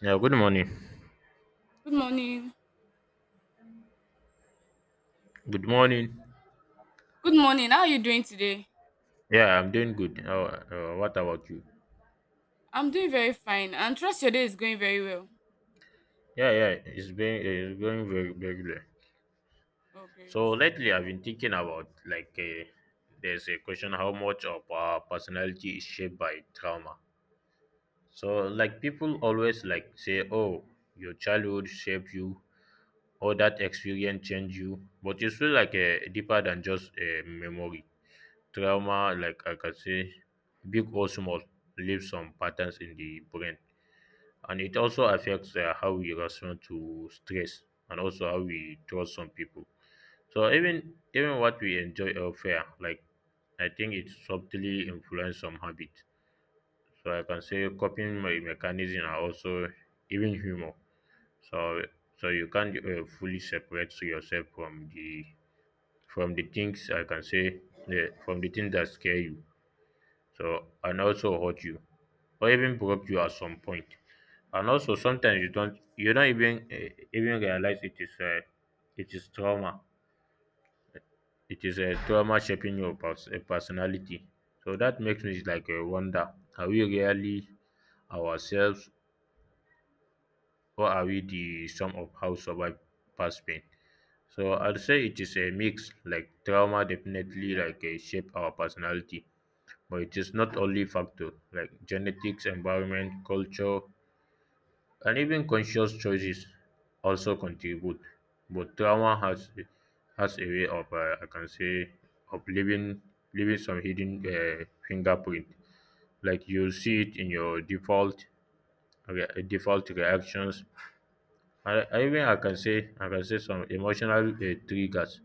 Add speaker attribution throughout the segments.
Speaker 1: Yeah, good morning.
Speaker 2: Good morning.
Speaker 1: Good morning.
Speaker 2: Good morning. How are you doing today?
Speaker 1: Yeah, I'm doing good. What about you?
Speaker 2: I'm doing very fine and trust your day is going very well.
Speaker 1: Yeah, yeah, it's going very very well.
Speaker 2: Oh, great.
Speaker 1: So lately, I've been thinking about, like, there's a question: how much of our personality is shaped by trauma? So, like, people always, like, say, oh, your childhood shaped you, or that experience changed you, but it's really, like, deeper than just a memory. Trauma, like I can say, big or small, leaves some patterns in the brain, and it also affects how we respond to stress, and also how we trust some people, so even what we enjoy or fear. Like, I think it subtly influence some habits. So I can say coping my mechanism are also, even humor. So so you can't fully separate yourself from the things I can say from the things that scare you, so and also hurt you, or even broke you at some point. And also sometimes you don't even even realize it is trauma. It is a trauma shaping your personality. So that makes me, like, wonder: are we really ourselves, or are we the sum of how survive past pain? So I'd say it is a mix. Like trauma definitely, like, shape our personality, but it is not only factor, like genetics, environment, culture, and even conscious choices also contribute, but trauma has a way of, I can say, of leaving some hidden fingerprint. Like you see it in your default default reactions. I even I can say some emotional triggers,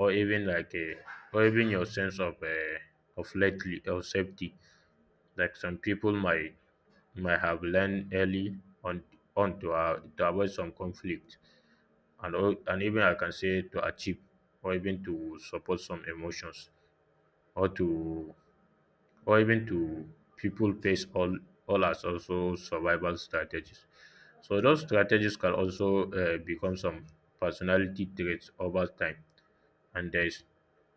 Speaker 1: or even like, or even your sense of, of lately of safety. Like some people might have learned early on on to avoid some conflict, and all, and even I can say to achieve, or even to support some emotions, or to, or even to, people face all as also survival strategies. So those strategies can also become some personality traits over time. And there's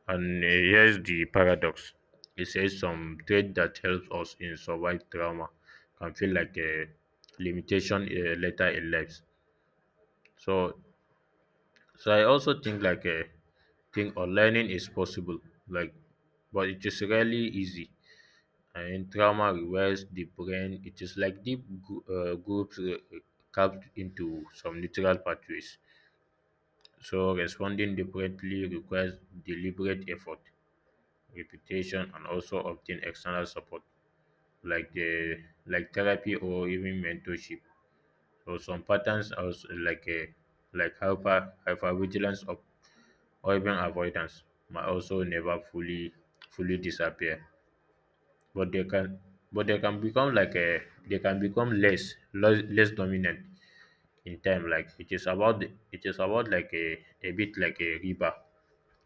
Speaker 1: and here's the paradox. It says some trait that helps us in survive trauma can feel like a limitation later in life. So so I also think, like a, think or learning is possible, like, but it is rarely easy, and trauma requires the brain, it is like deep groups carved into some natural pathways, so responding differently requires deliberate effort, repetition, and also obtain external support, like the, like therapy or even mentorship. So some patterns are also like a, like hypervigilance, of or even avoidance, might also never fully fully disappear, but they can become like a, they can become less dominant in time. Like it is about it is about, like a bit like a river.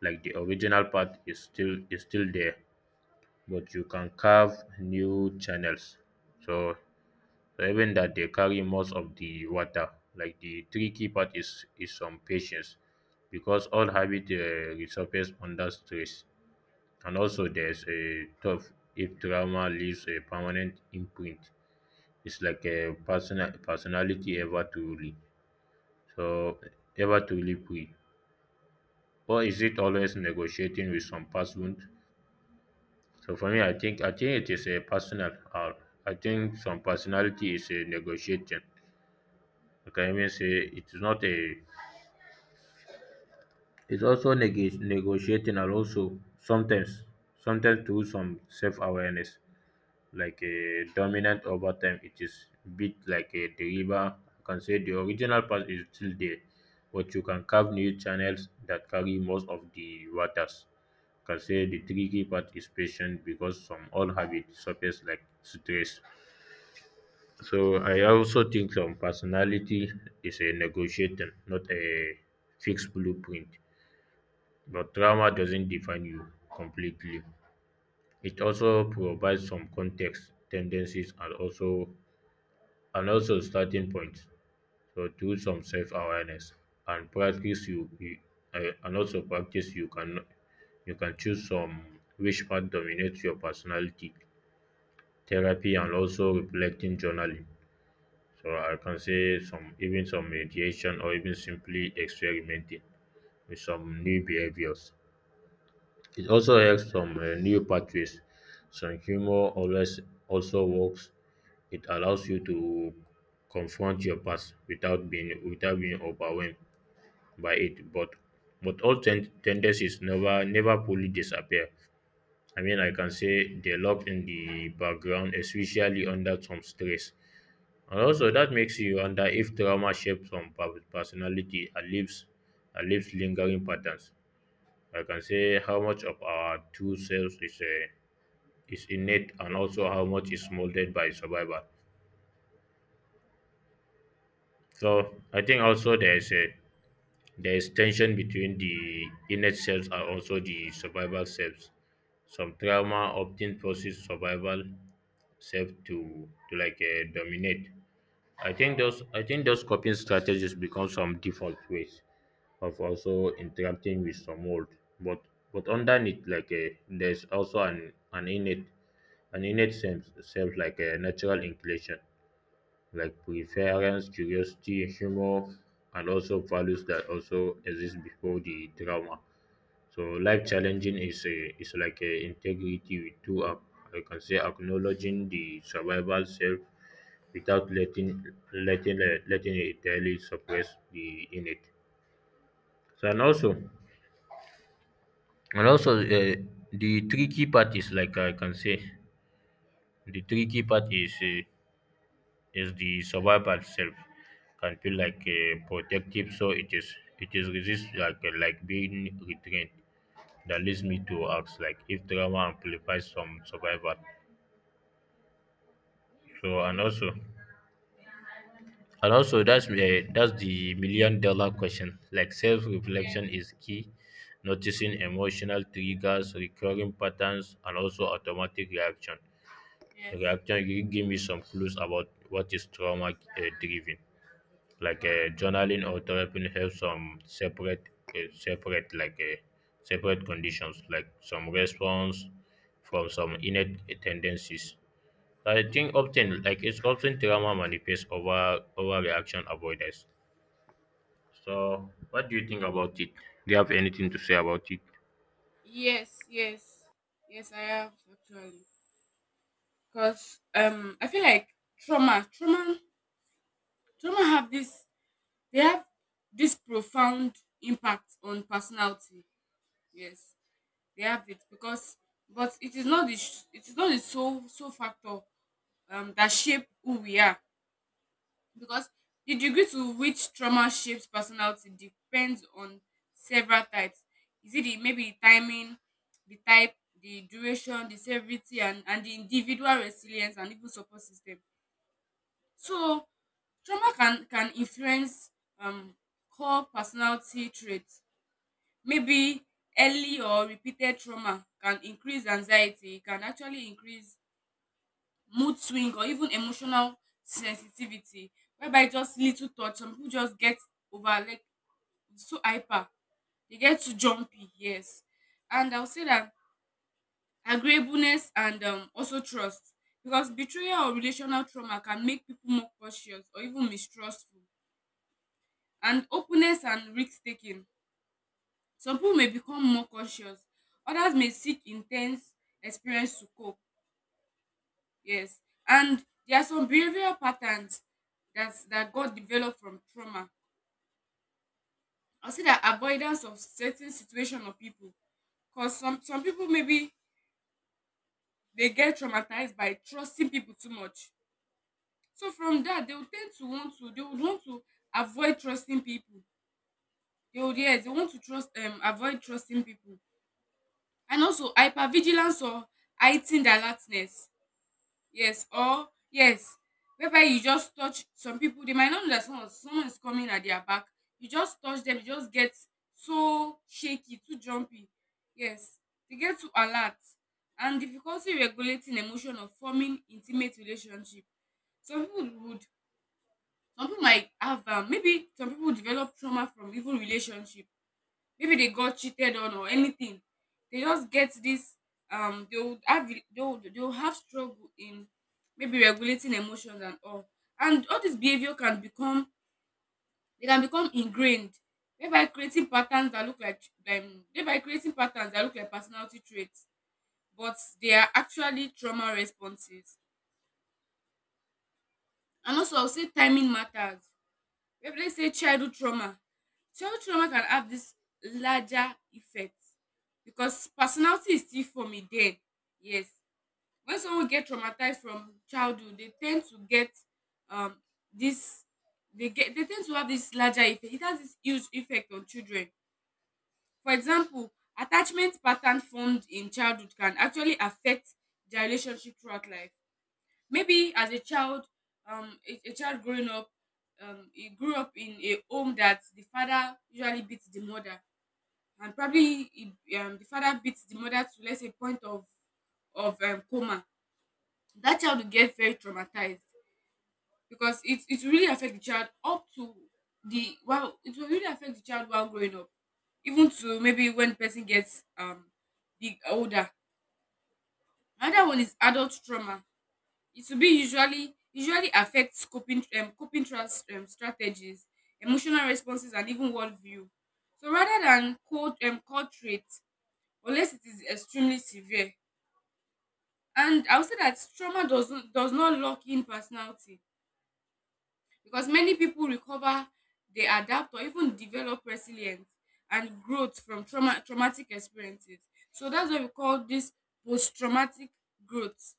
Speaker 1: Like the original path is still there, but you can carve new channels. So, so even that they carry most of the water. Like the tricky part is some patience, because all habit resurface under stress. And also there's a tough, if trauma leaves a permanent imprint, it's like a personality ever truly. So ever truly free. Or is it always negotiating with some person? So for me, I think it is a personal. I think some personality is a negotiation. Like I mean, say it is not a. It's also negotiating, and also sometimes through some self awareness. Like a dominant over time. It is bit like a the river. You can say the original path is still there, but you can carve new channels that carry most of the waters. You can say the tricky part is patient because some old habits surface like stress. So I also think some personality is a negotiator, not a fixed blueprint. But trauma doesn't define you completely. It also provides some context, tendencies, and also, and also starting point. So do some self awareness and practice, you and also practice you can, you can choose some which part dominates your personality, therapy and also reflecting journaling. So I can say some, even some meditation or even simply experimenting with some new behaviors. It also helps some new pathways. Some humor always also works. It allows you to confront your past without being overwhelmed by it. But all tendencies never fully disappear. I mean, I can say they lock in the background, especially under some stress. And also, that makes you wonder if trauma shapes some personality and and leaves lingering patterns. I can say how much of our two selves is innate, and also how much is molded by survival. So I think also there is a, there is tension between the innate selves and also the survival selves. Some trauma often forces survival self to, like, dominate. I think those coping strategies become some default ways of also interacting with some world, but but underneath, like, there's also an innate, an innate sense self, like a natural inclination, like preference curiosity humor, and also values that also exist before the trauma. So life challenging is a, is like a integrity with two up. I can say acknowledging the survival self without letting letting it really suppress the innate. So and also, and also, the tricky part is, like I can say, the tricky part is, is the survival self can feel like, protective, so it is, it is resist, like, like being retrained. That leads me to ask, like, if trauma amplifies some survival. So and also, and also that's the million dollar question. Like self
Speaker 2: Yeah,
Speaker 1: reflection is key. Noticing emotional triggers, recurring patterns, and also automatic
Speaker 2: yes.
Speaker 1: reaction give me some clues about what is trauma driven. Like journaling or therapy helps some separate, separate, like separate conditions, like some response from some innate tendencies. I think often, like, it's often trauma manifests over, over reaction avoidance. So what do you think about it? Do you have anything to say about it?
Speaker 2: Yes, yes. Yes, I have actually. Because I feel like trauma, trauma, trauma, have this they have this profound impact on personality. Yes, they have it, because but it is not the it is not the sole factor that shape who we are, because the degree to which trauma shapes personality depends on several types. Is it the, maybe the timing, the type, the duration, the severity, and the individual resilience and even support system. So trauma can influence um core personality traits. Maybe early or repeated trauma can increase anxiety, it can actually increase mood swing or even emotional sensitivity, whereby e just little touch some people just get over, like so hyper, they get too jumpy. Yes, and I'll say that agreeableness and also trust, because betrayal or relational trauma can make people more cautious or even mistrustful, and openness and risk taking, some people may become more cautious, others may seek intense experience to cope. Yes, and there are some behavioral patterns that got developed from trauma. I'll say that avoidance of certain situation or people, cause some people maybe they get traumatized by trusting people too much. So from that, they will tend to want to, they would want to avoid trusting people. They would, yes, they want to trust, avoid trusting people, and also hypervigilance or heightened alertness. Yes, or yes, whereby you just touch some people, they might not know that someone is coming at their back. You just touch them, you just get so shaky, too jumpy. Yes, they get too alert. And difficulty regulating emotion of forming intimate relationship. Some people would, some people might have, maybe some people develop trauma from even relationship, maybe they got cheated on or anything, they just get this, they would have, they would have struggle in maybe regulating emotions and all, and all this behavior can become, they can become ingrained, thereby creating patterns that look like, personality traits, but they are actually trauma responses. And also I'll say timing matters. Maybe let's say childhood trauma. Childhood trauma can have this larger effect because personality is still forming then. Yes. When someone get traumatized from childhood, they tend to get, um this they get, they tend to have this larger effect. It has this huge effect on children. For example, attachment pattern formed in childhood can actually affect their relationship throughout life. Maybe as a child, a child growing up, he grew up in a home that the father usually beats the mother, and probably he, the father beats the mother to, let's say, point of, coma. That child will get very traumatized, because it will really affect the child up to the, well, it will really affect the child while growing up, even to maybe when the person gets big older. Another one is adult trauma. It will be usually affects coping, strategies, emotional responses and even worldview. So rather than cold, cold traits, unless it is extremely severe. And I would say that trauma does not lock in personality, because many people recover, they adapt or even develop resilience and growth from traumatic experiences. So that's what we call this post-traumatic growth.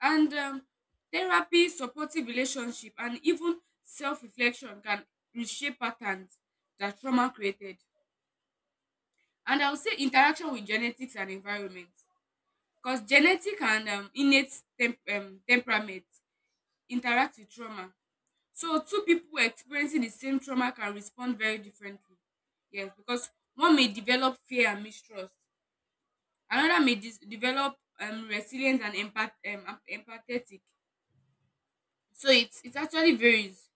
Speaker 2: And therapy, supportive relationship and even self-reflection can reshape patterns that trauma created. And I would say interaction with genetics and environment, because genetic and innate temperament interact with trauma. So two people experiencing the same trauma can respond very differently. Yes, because one may develop fear and mistrust, another may develop resilience and empathetic. So it actually varies.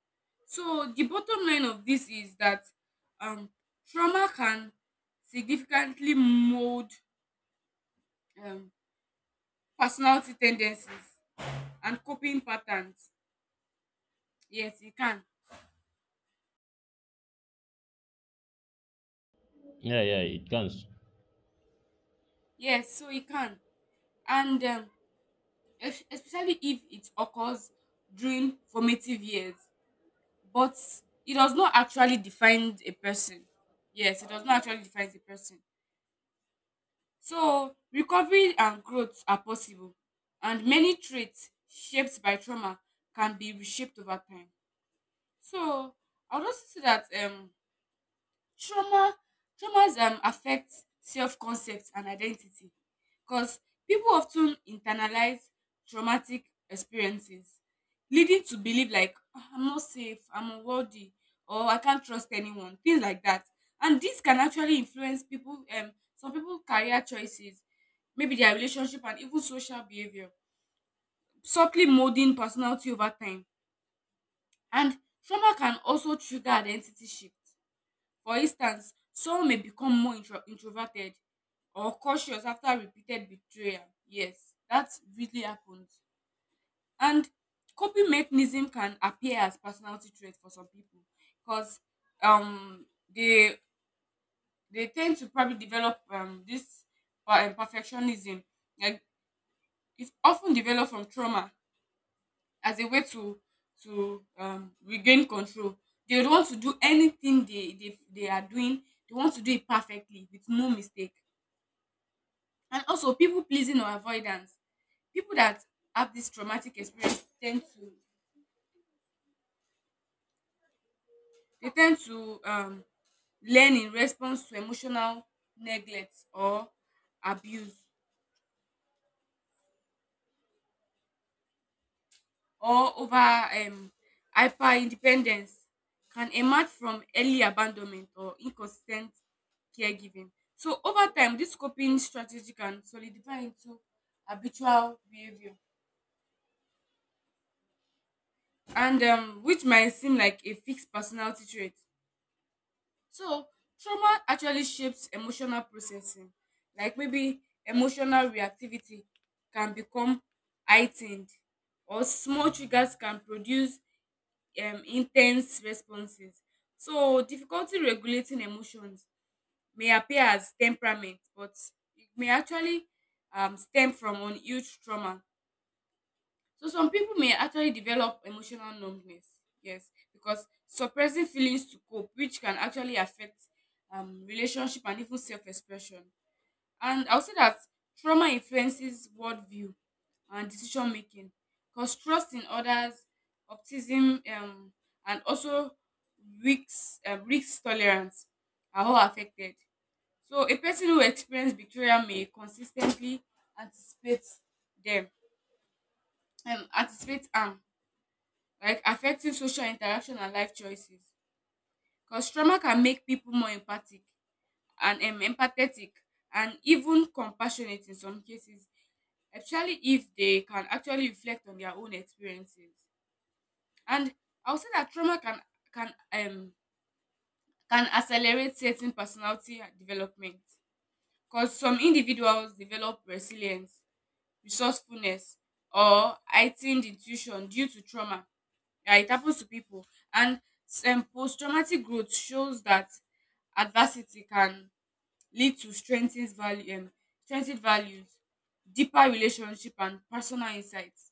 Speaker 2: So the bottom line of this is that, um trauma can significantly mold um personality tendencies and coping patterns. Yes, it can.
Speaker 1: Yeah, yeah, it comes.
Speaker 2: Yes, so it can. And especially if it occurs during formative years, but it does not actually define a person. Yes, it does not actually define a person. So recovery and growth are possible, and many traits shaped by trauma can be reshaped over time. So I would also say that, Trauma traumas affect self-concept and identity, because people often internalize traumatic experiences, leading to believe like, "Ah, I'm not safe, I'm unworthy, or I can't trust anyone," things like that. And this can actually influence people, some people career choices, maybe their relationship and even social behavior, subtly molding personality over time. And trauma can also trigger identity shift. For instance, someone may become more introverted or cautious after repeated betrayal. Yes, that really happens. And coping mechanism can appear as personality trait for some people, because um they they tend to probably develop, this perfectionism. Like, it's often developed from trauma as a way to regain control. They would want to do anything they are doing. They want to do it perfectly with no mistake. And also, people pleasing or avoidance. People that have this traumatic experience tend to, they tend to learn in response to emotional neglect or abuse, or over, hyper independence can emerge from early abandonment or inconsistent caregiving. So over time, this coping strategy can solidify into habitual behavior, and, which might seem like a fixed personality trait. So trauma actually shapes emotional processing, like maybe emotional reactivity can become heightened, or small triggers can produce intense responses. So difficulty regulating emotions may appear as temperament, but it may actually, stem from unhealed trauma. So some people may actually develop emotional numbness, yes, because suppressing feelings to cope, which can actually affect, relationship and even self-expression. And I will say that trauma influences worldview and decision making, because trust in others, optimism, and also risk, risk tolerance are all affected. So, a person who experiences betrayal may consistently anticipate them and anticipate harm, like affecting social interaction and life choices. Because trauma can make people more empathic and, empathetic and even compassionate in some cases, especially if they can actually reflect on their own experiences. And I would say that trauma can um can accelerate certain personality development, because some individuals develop resilience, resourcefulness, or heightened intuition due to trauma. Yeah, it happens to people. And, post-traumatic growth shows that adversity can lead to strengthened value, strengthened values, deeper relationship, and personal insights.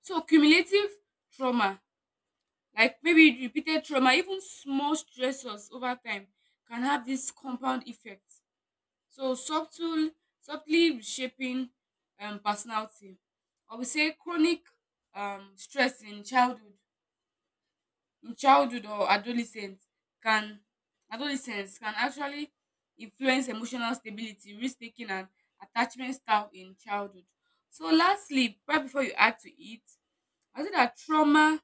Speaker 2: So cumulative trauma, like maybe repeated trauma, even small stressors over time, can have this compound effect. So subtly reshaping, personality. Or we say chronic, stress in childhood or can adolescence can actually influence emotional stability, risk taking, and attachment style in childhood. So lastly, right before you add to it, I say that trauma,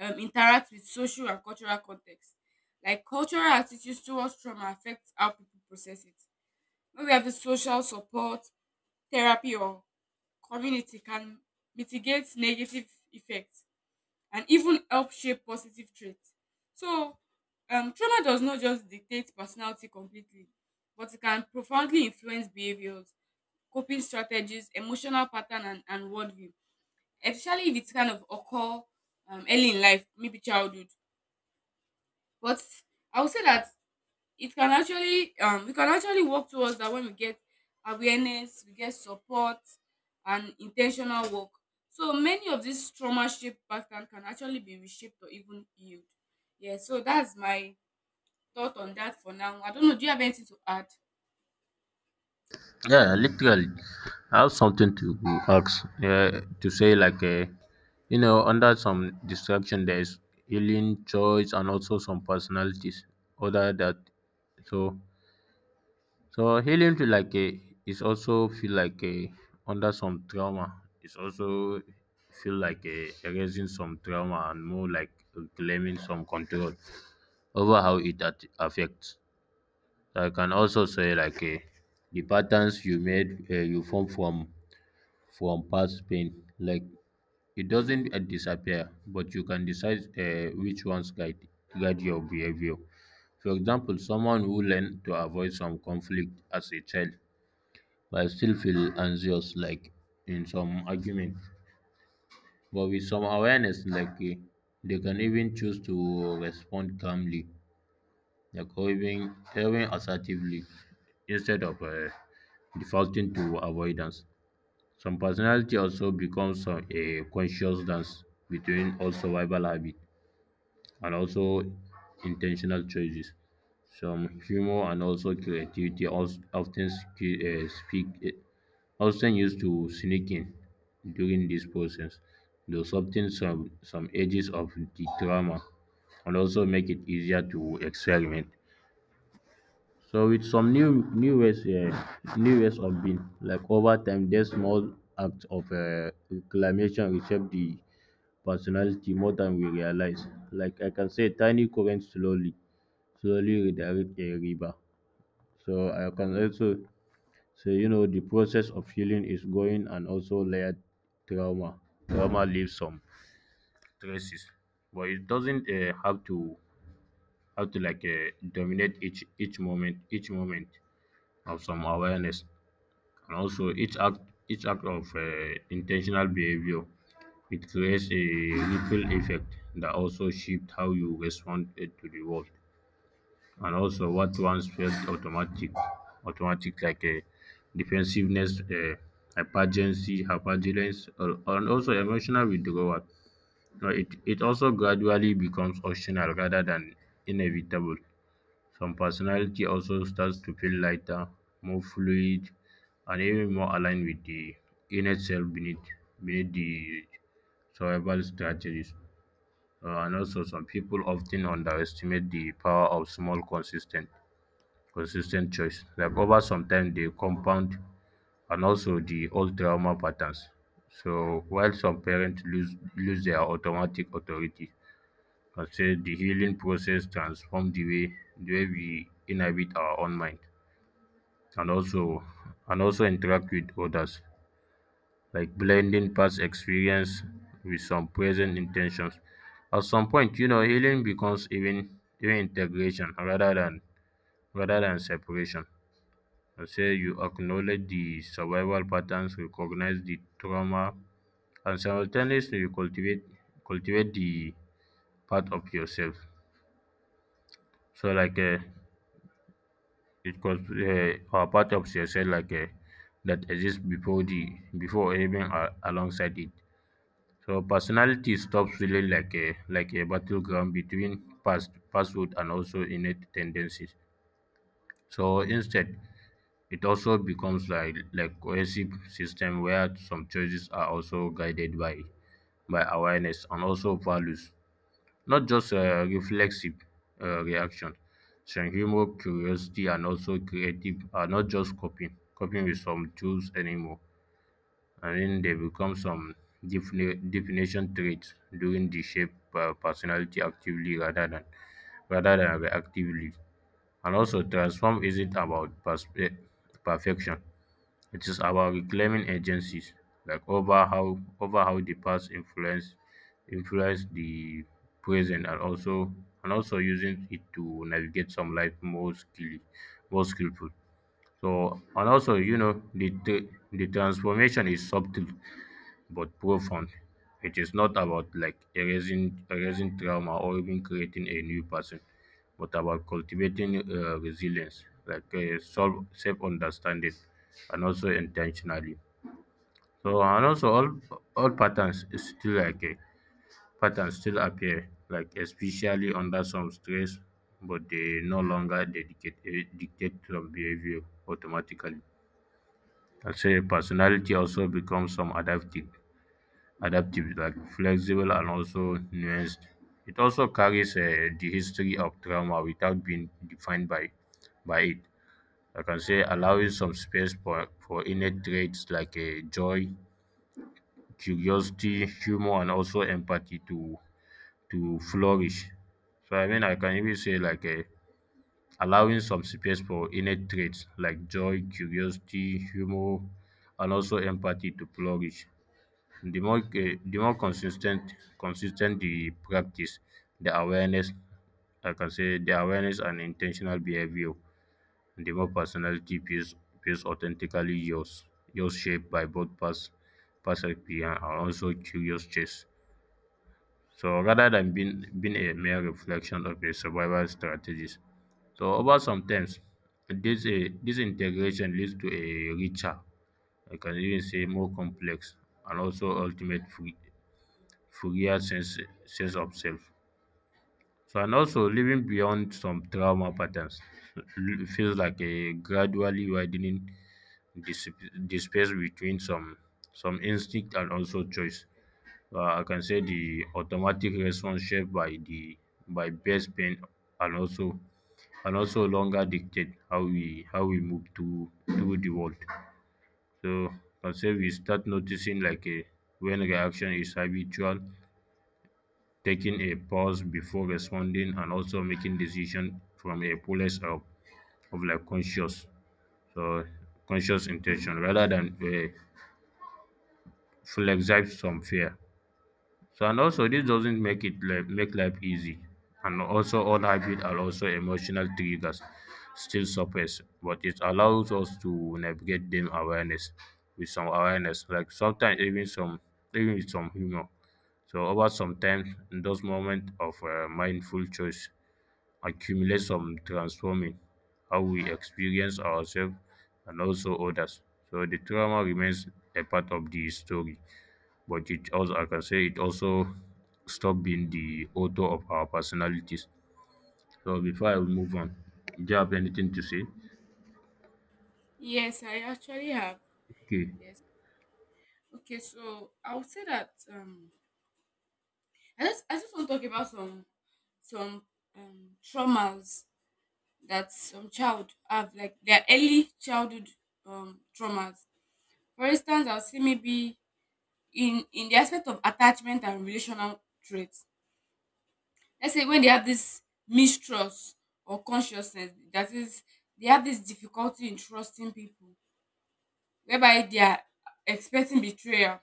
Speaker 2: interact with social and cultural context. Like cultural attitudes towards trauma affect how people process it. When we have the social support, therapy, or community can mitigate negative effects and even help shape positive traits. So, trauma does not just dictate personality completely, but it can profoundly influence behaviors, coping strategies, emotional pattern, and worldview, especially if it's kind of occur, early in life, maybe childhood. But I would say that it can actually, we can actually work towards that when we get awareness, we get support and intentional work. So many of these trauma shaped pattern can actually be reshaped or even healed. Yeah, so that's my thought on that for now. I don't know, do you have anything to add?
Speaker 1: Yeah, literally. I have something to ask, to say, like, you know, under some distraction, there's healing, choice, and also some personalities. Other that, so, so healing to like a, is also feel like a, under some trauma. It's also feel like a erasing some trauma and more like claiming some control over how it affects. I can also say, like a, the patterns you made, you form from past pain. Like it doesn't disappear, but you can decide which ones guide, guide your behavior. For example, someone who learned to avoid some conflict as a child, but still feel anxious like in some argument. But with some awareness, like, they can even choose to respond calmly, like, or even, even assertively, instead of defaulting to avoidance. Some personality also becomes a conscious dance between old survival habit and also intentional choices. Some humor and also creativity also often sk- speak often used to sneak in during this process, though something some edges of the drama, and also make it easier to experiment. So with some new ways, um, new ways of being, like over time these small acts of, um, reclamation reshape the personality more than we realize. Like I can say tiny currents slowly redirect a river. So I can also say, you know, the process of healing is going and also layered trauma. Trauma leaves some traces, but it doesn't have to, like, dominate each moment of some awareness. And also, each act, of intentional behavior, it creates a ripple effect that also shifts how you respond to the world. And also, what once felt automatic, like a, defensiveness, hypergency, hypergilence, and also emotional withdrawal. Now, it also gradually becomes optional rather than inevitable. Some personality also starts to feel lighter, more fluid, and even more aligned with the inner self beneath the survival strategies. And also, some people often underestimate the power of small, consistent choice. Like over some time, they compound, and also the old trauma patterns. So while some parents lose their automatic authority, I say the healing process transforms the way we inhabit our own mind, and also, and also interact with others, like blending past experience with some present intentions. At some point, you know, healing becomes even integration rather than, rather than separation. I say you acknowledge the survival patterns, recognize the trauma, and simultaneously you cultivate the part of yourself. So like uh, It was are part of success that exists before the before even alongside it. So personality stops feeling like a battleground between pasthood and also innate tendencies. So instead, it also becomes like cohesive system where some choices are also guided by awareness and also values. Not just reflexive reaction. Some humor, curiosity, and also creative are not just coping with some tools anymore. I mean, they become some definition traits during the shape personality actively rather than reactively. And also, transform isn't about perfection. It is about reclaiming agencies, like over how the past influenced the present and also using it to navigate some life more skillfully, more skillful. So and also you know the transformation is subtle but profound. It is not about like erasing trauma or even creating a new person, but about cultivating resilience, like self understanding, and also intentionally. So and also all patterns is still like a patterns still appear, like especially under some stress, but they no longer dictate some behavior automatically. I'd say personality also becomes some adaptive, like flexible and also nuanced. It also carries the history of trauma without being defined by it. I can say allowing some space for innate traits like joy, curiosity, humor, and also empathy to flourish. So I mean, I can even say allowing some space for innate traits like joy, curiosity, humor, and also empathy to flourish. The more consistent the practice, the awareness like I can say the awareness and intentional behavior, the more personality feels authentically yours, yours shaped by both past experience and also curious chase. So rather than being a mere reflection of a survival strategies. So over sometimes this integration leads to a richer, I can even say more complex and also ultimate free Furia sense of self. So, and also living beyond some trauma patterns feels like a gradually widening the space between some instinct and also choice. I can say the automatic response shaped by the by base pain and also and also longer dictate how we move to the world. So I can say we start noticing like a when reaction is habitual, taking a pause before responding and also making decision from a place of like conscious so conscious intention rather than flex some fear. So and also this doesn't make it like make life easy, and also all habit are also emotional triggers still surface, but it allows us to navigate them awareness with some awareness like sometimes even some even with some humor. So over some time, in those moments of mindful choice accumulate some transforming how we experience ourselves and also others. So the trauma remains a part of the story, but it also I can say it also stop being the author of our personalities. So before I move on, do you have anything to say?
Speaker 2: Yes, I actually have.
Speaker 1: Okay.
Speaker 2: Yes. Okay, so I would say that, I just want to talk about some traumas that some child have, like their early childhood, traumas. For instance, I'll see maybe in the aspect of attachment and relational traits. Let's say when they have this mistrust or consciousness, that is, they have this difficulty in trusting people, whereby they are expecting betrayal.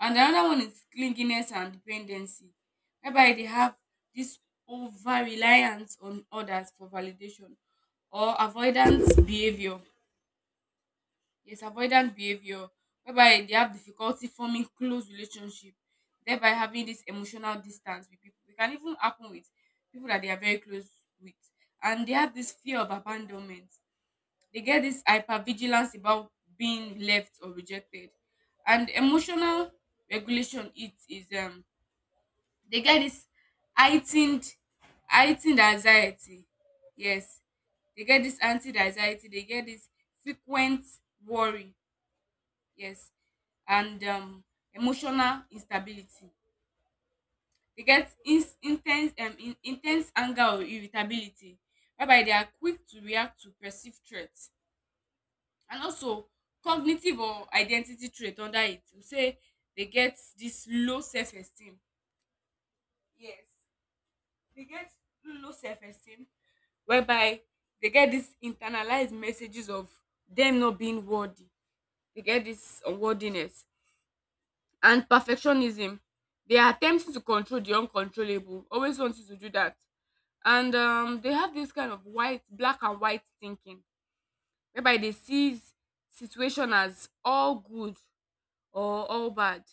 Speaker 2: And another one is clinginess and dependency, whereby they have this over reliance on others for validation, or avoidance behavior. Yes, avoidant behavior, whereby they have difficulty forming close relationship, thereby having this emotional distance with people. It can even happen with people that they are very close with. And they have this fear of abandonment. They get this hypervigilance about being left or rejected. And emotional regulation, it is, they get this heightened heightened anxiety. Yes. They get this anti anxiety, they get this frequent worry. Yes, and emotional instability. Dey get ins in ten se, in ten se anger or irritability, whereby they are quick to react to perceived threat. And also cognitive or identity trait under it. We say dey get dis low self esteem. Yes, dey get low self esteem, whereby dey get dis internalize messages of dem not being worthy. Dey get dis unworthiness and perfectionism. They are attempting to control the uncontrollable, always wanting to do that. And, they have this kind of black and white thinking, whereby they see situation as all good or all bad.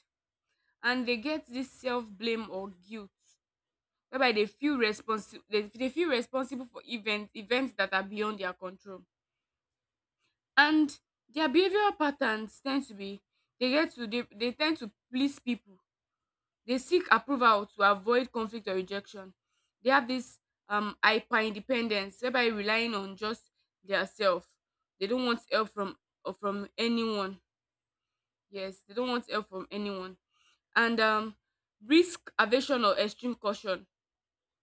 Speaker 2: And they get this self-blame or guilt, whereby they feel responsible. They feel responsible for events that are beyond their control. And their behavioral patterns tend to be, they get to, they tend to please people. They seek approval to avoid conflict or rejection. They have this, hyper independence, whereby relying on just their self. They don't want help from, or from anyone. Yes, they don't want help from anyone. And, risk aversion or extreme caution,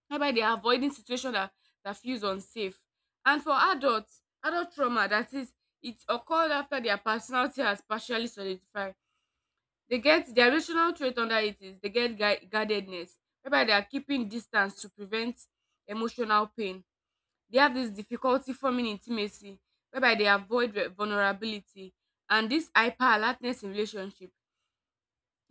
Speaker 2: whereby they are avoiding situation that, that feels unsafe. And for adults, adult trauma, that is, it occurred after their personality has partially solidified. They get their relational trait under it is, they get guardedness, whereby they are keeping distance to prevent emotional pain. They have this difficulty forming intimacy, whereby they avoid vulnerability, and this hyper alertness in relationship,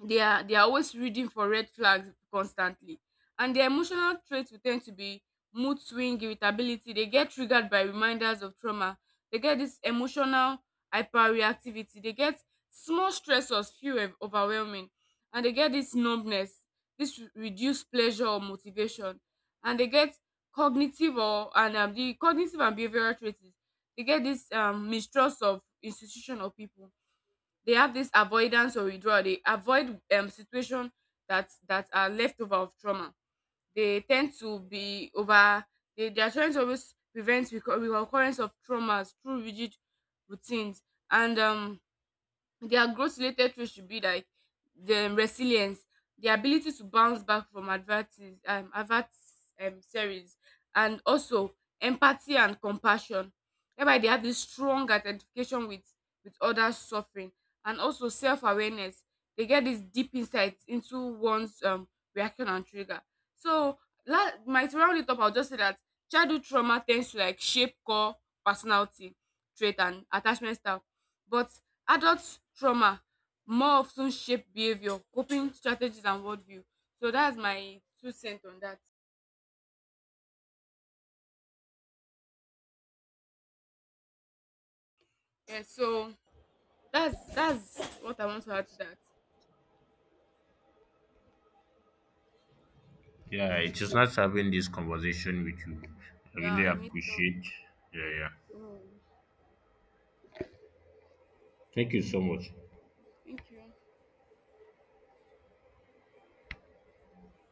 Speaker 2: they are, they are always reading for red flags constantly. And their emotional traits will tend to be mood swing, irritability. They get triggered by reminders of trauma, they get this emotional hyperreactivity, they get small stressors feel overwhelming, and they get this numbness, this reduced pleasure or motivation. And they get cognitive or, and, the cognitive and behavioral traits is, they get this, mistrust of institution or people. They have this avoidance or withdrawal, they avoid situation that, that are leftover of trauma. They tend to be over, they are trying to always prevent recurrence of traumas through rigid routines. And, their growth related traits should be like the resilience, the ability to bounce back from advertis adversaries, and also empathy and compassion, whereby they have this strong identification with others suffering, and also self-awareness. They get this deep insight into one's, reaction and trigger. So, my to round it up, I'll just say that childhood trauma tends to like shape core personality trait and attachment style. But adult trauma more of ten shape behavior, coping strategies and worldview. So that's my two cent on that. Yeah, so that's what I want to add to that.
Speaker 1: Yeah, it is nice having this conversation with you. I really
Speaker 2: Yeah, you need to.
Speaker 1: appreciate. Yeah, yeah.
Speaker 2: So,
Speaker 1: Thank you so much.
Speaker 2: thank you.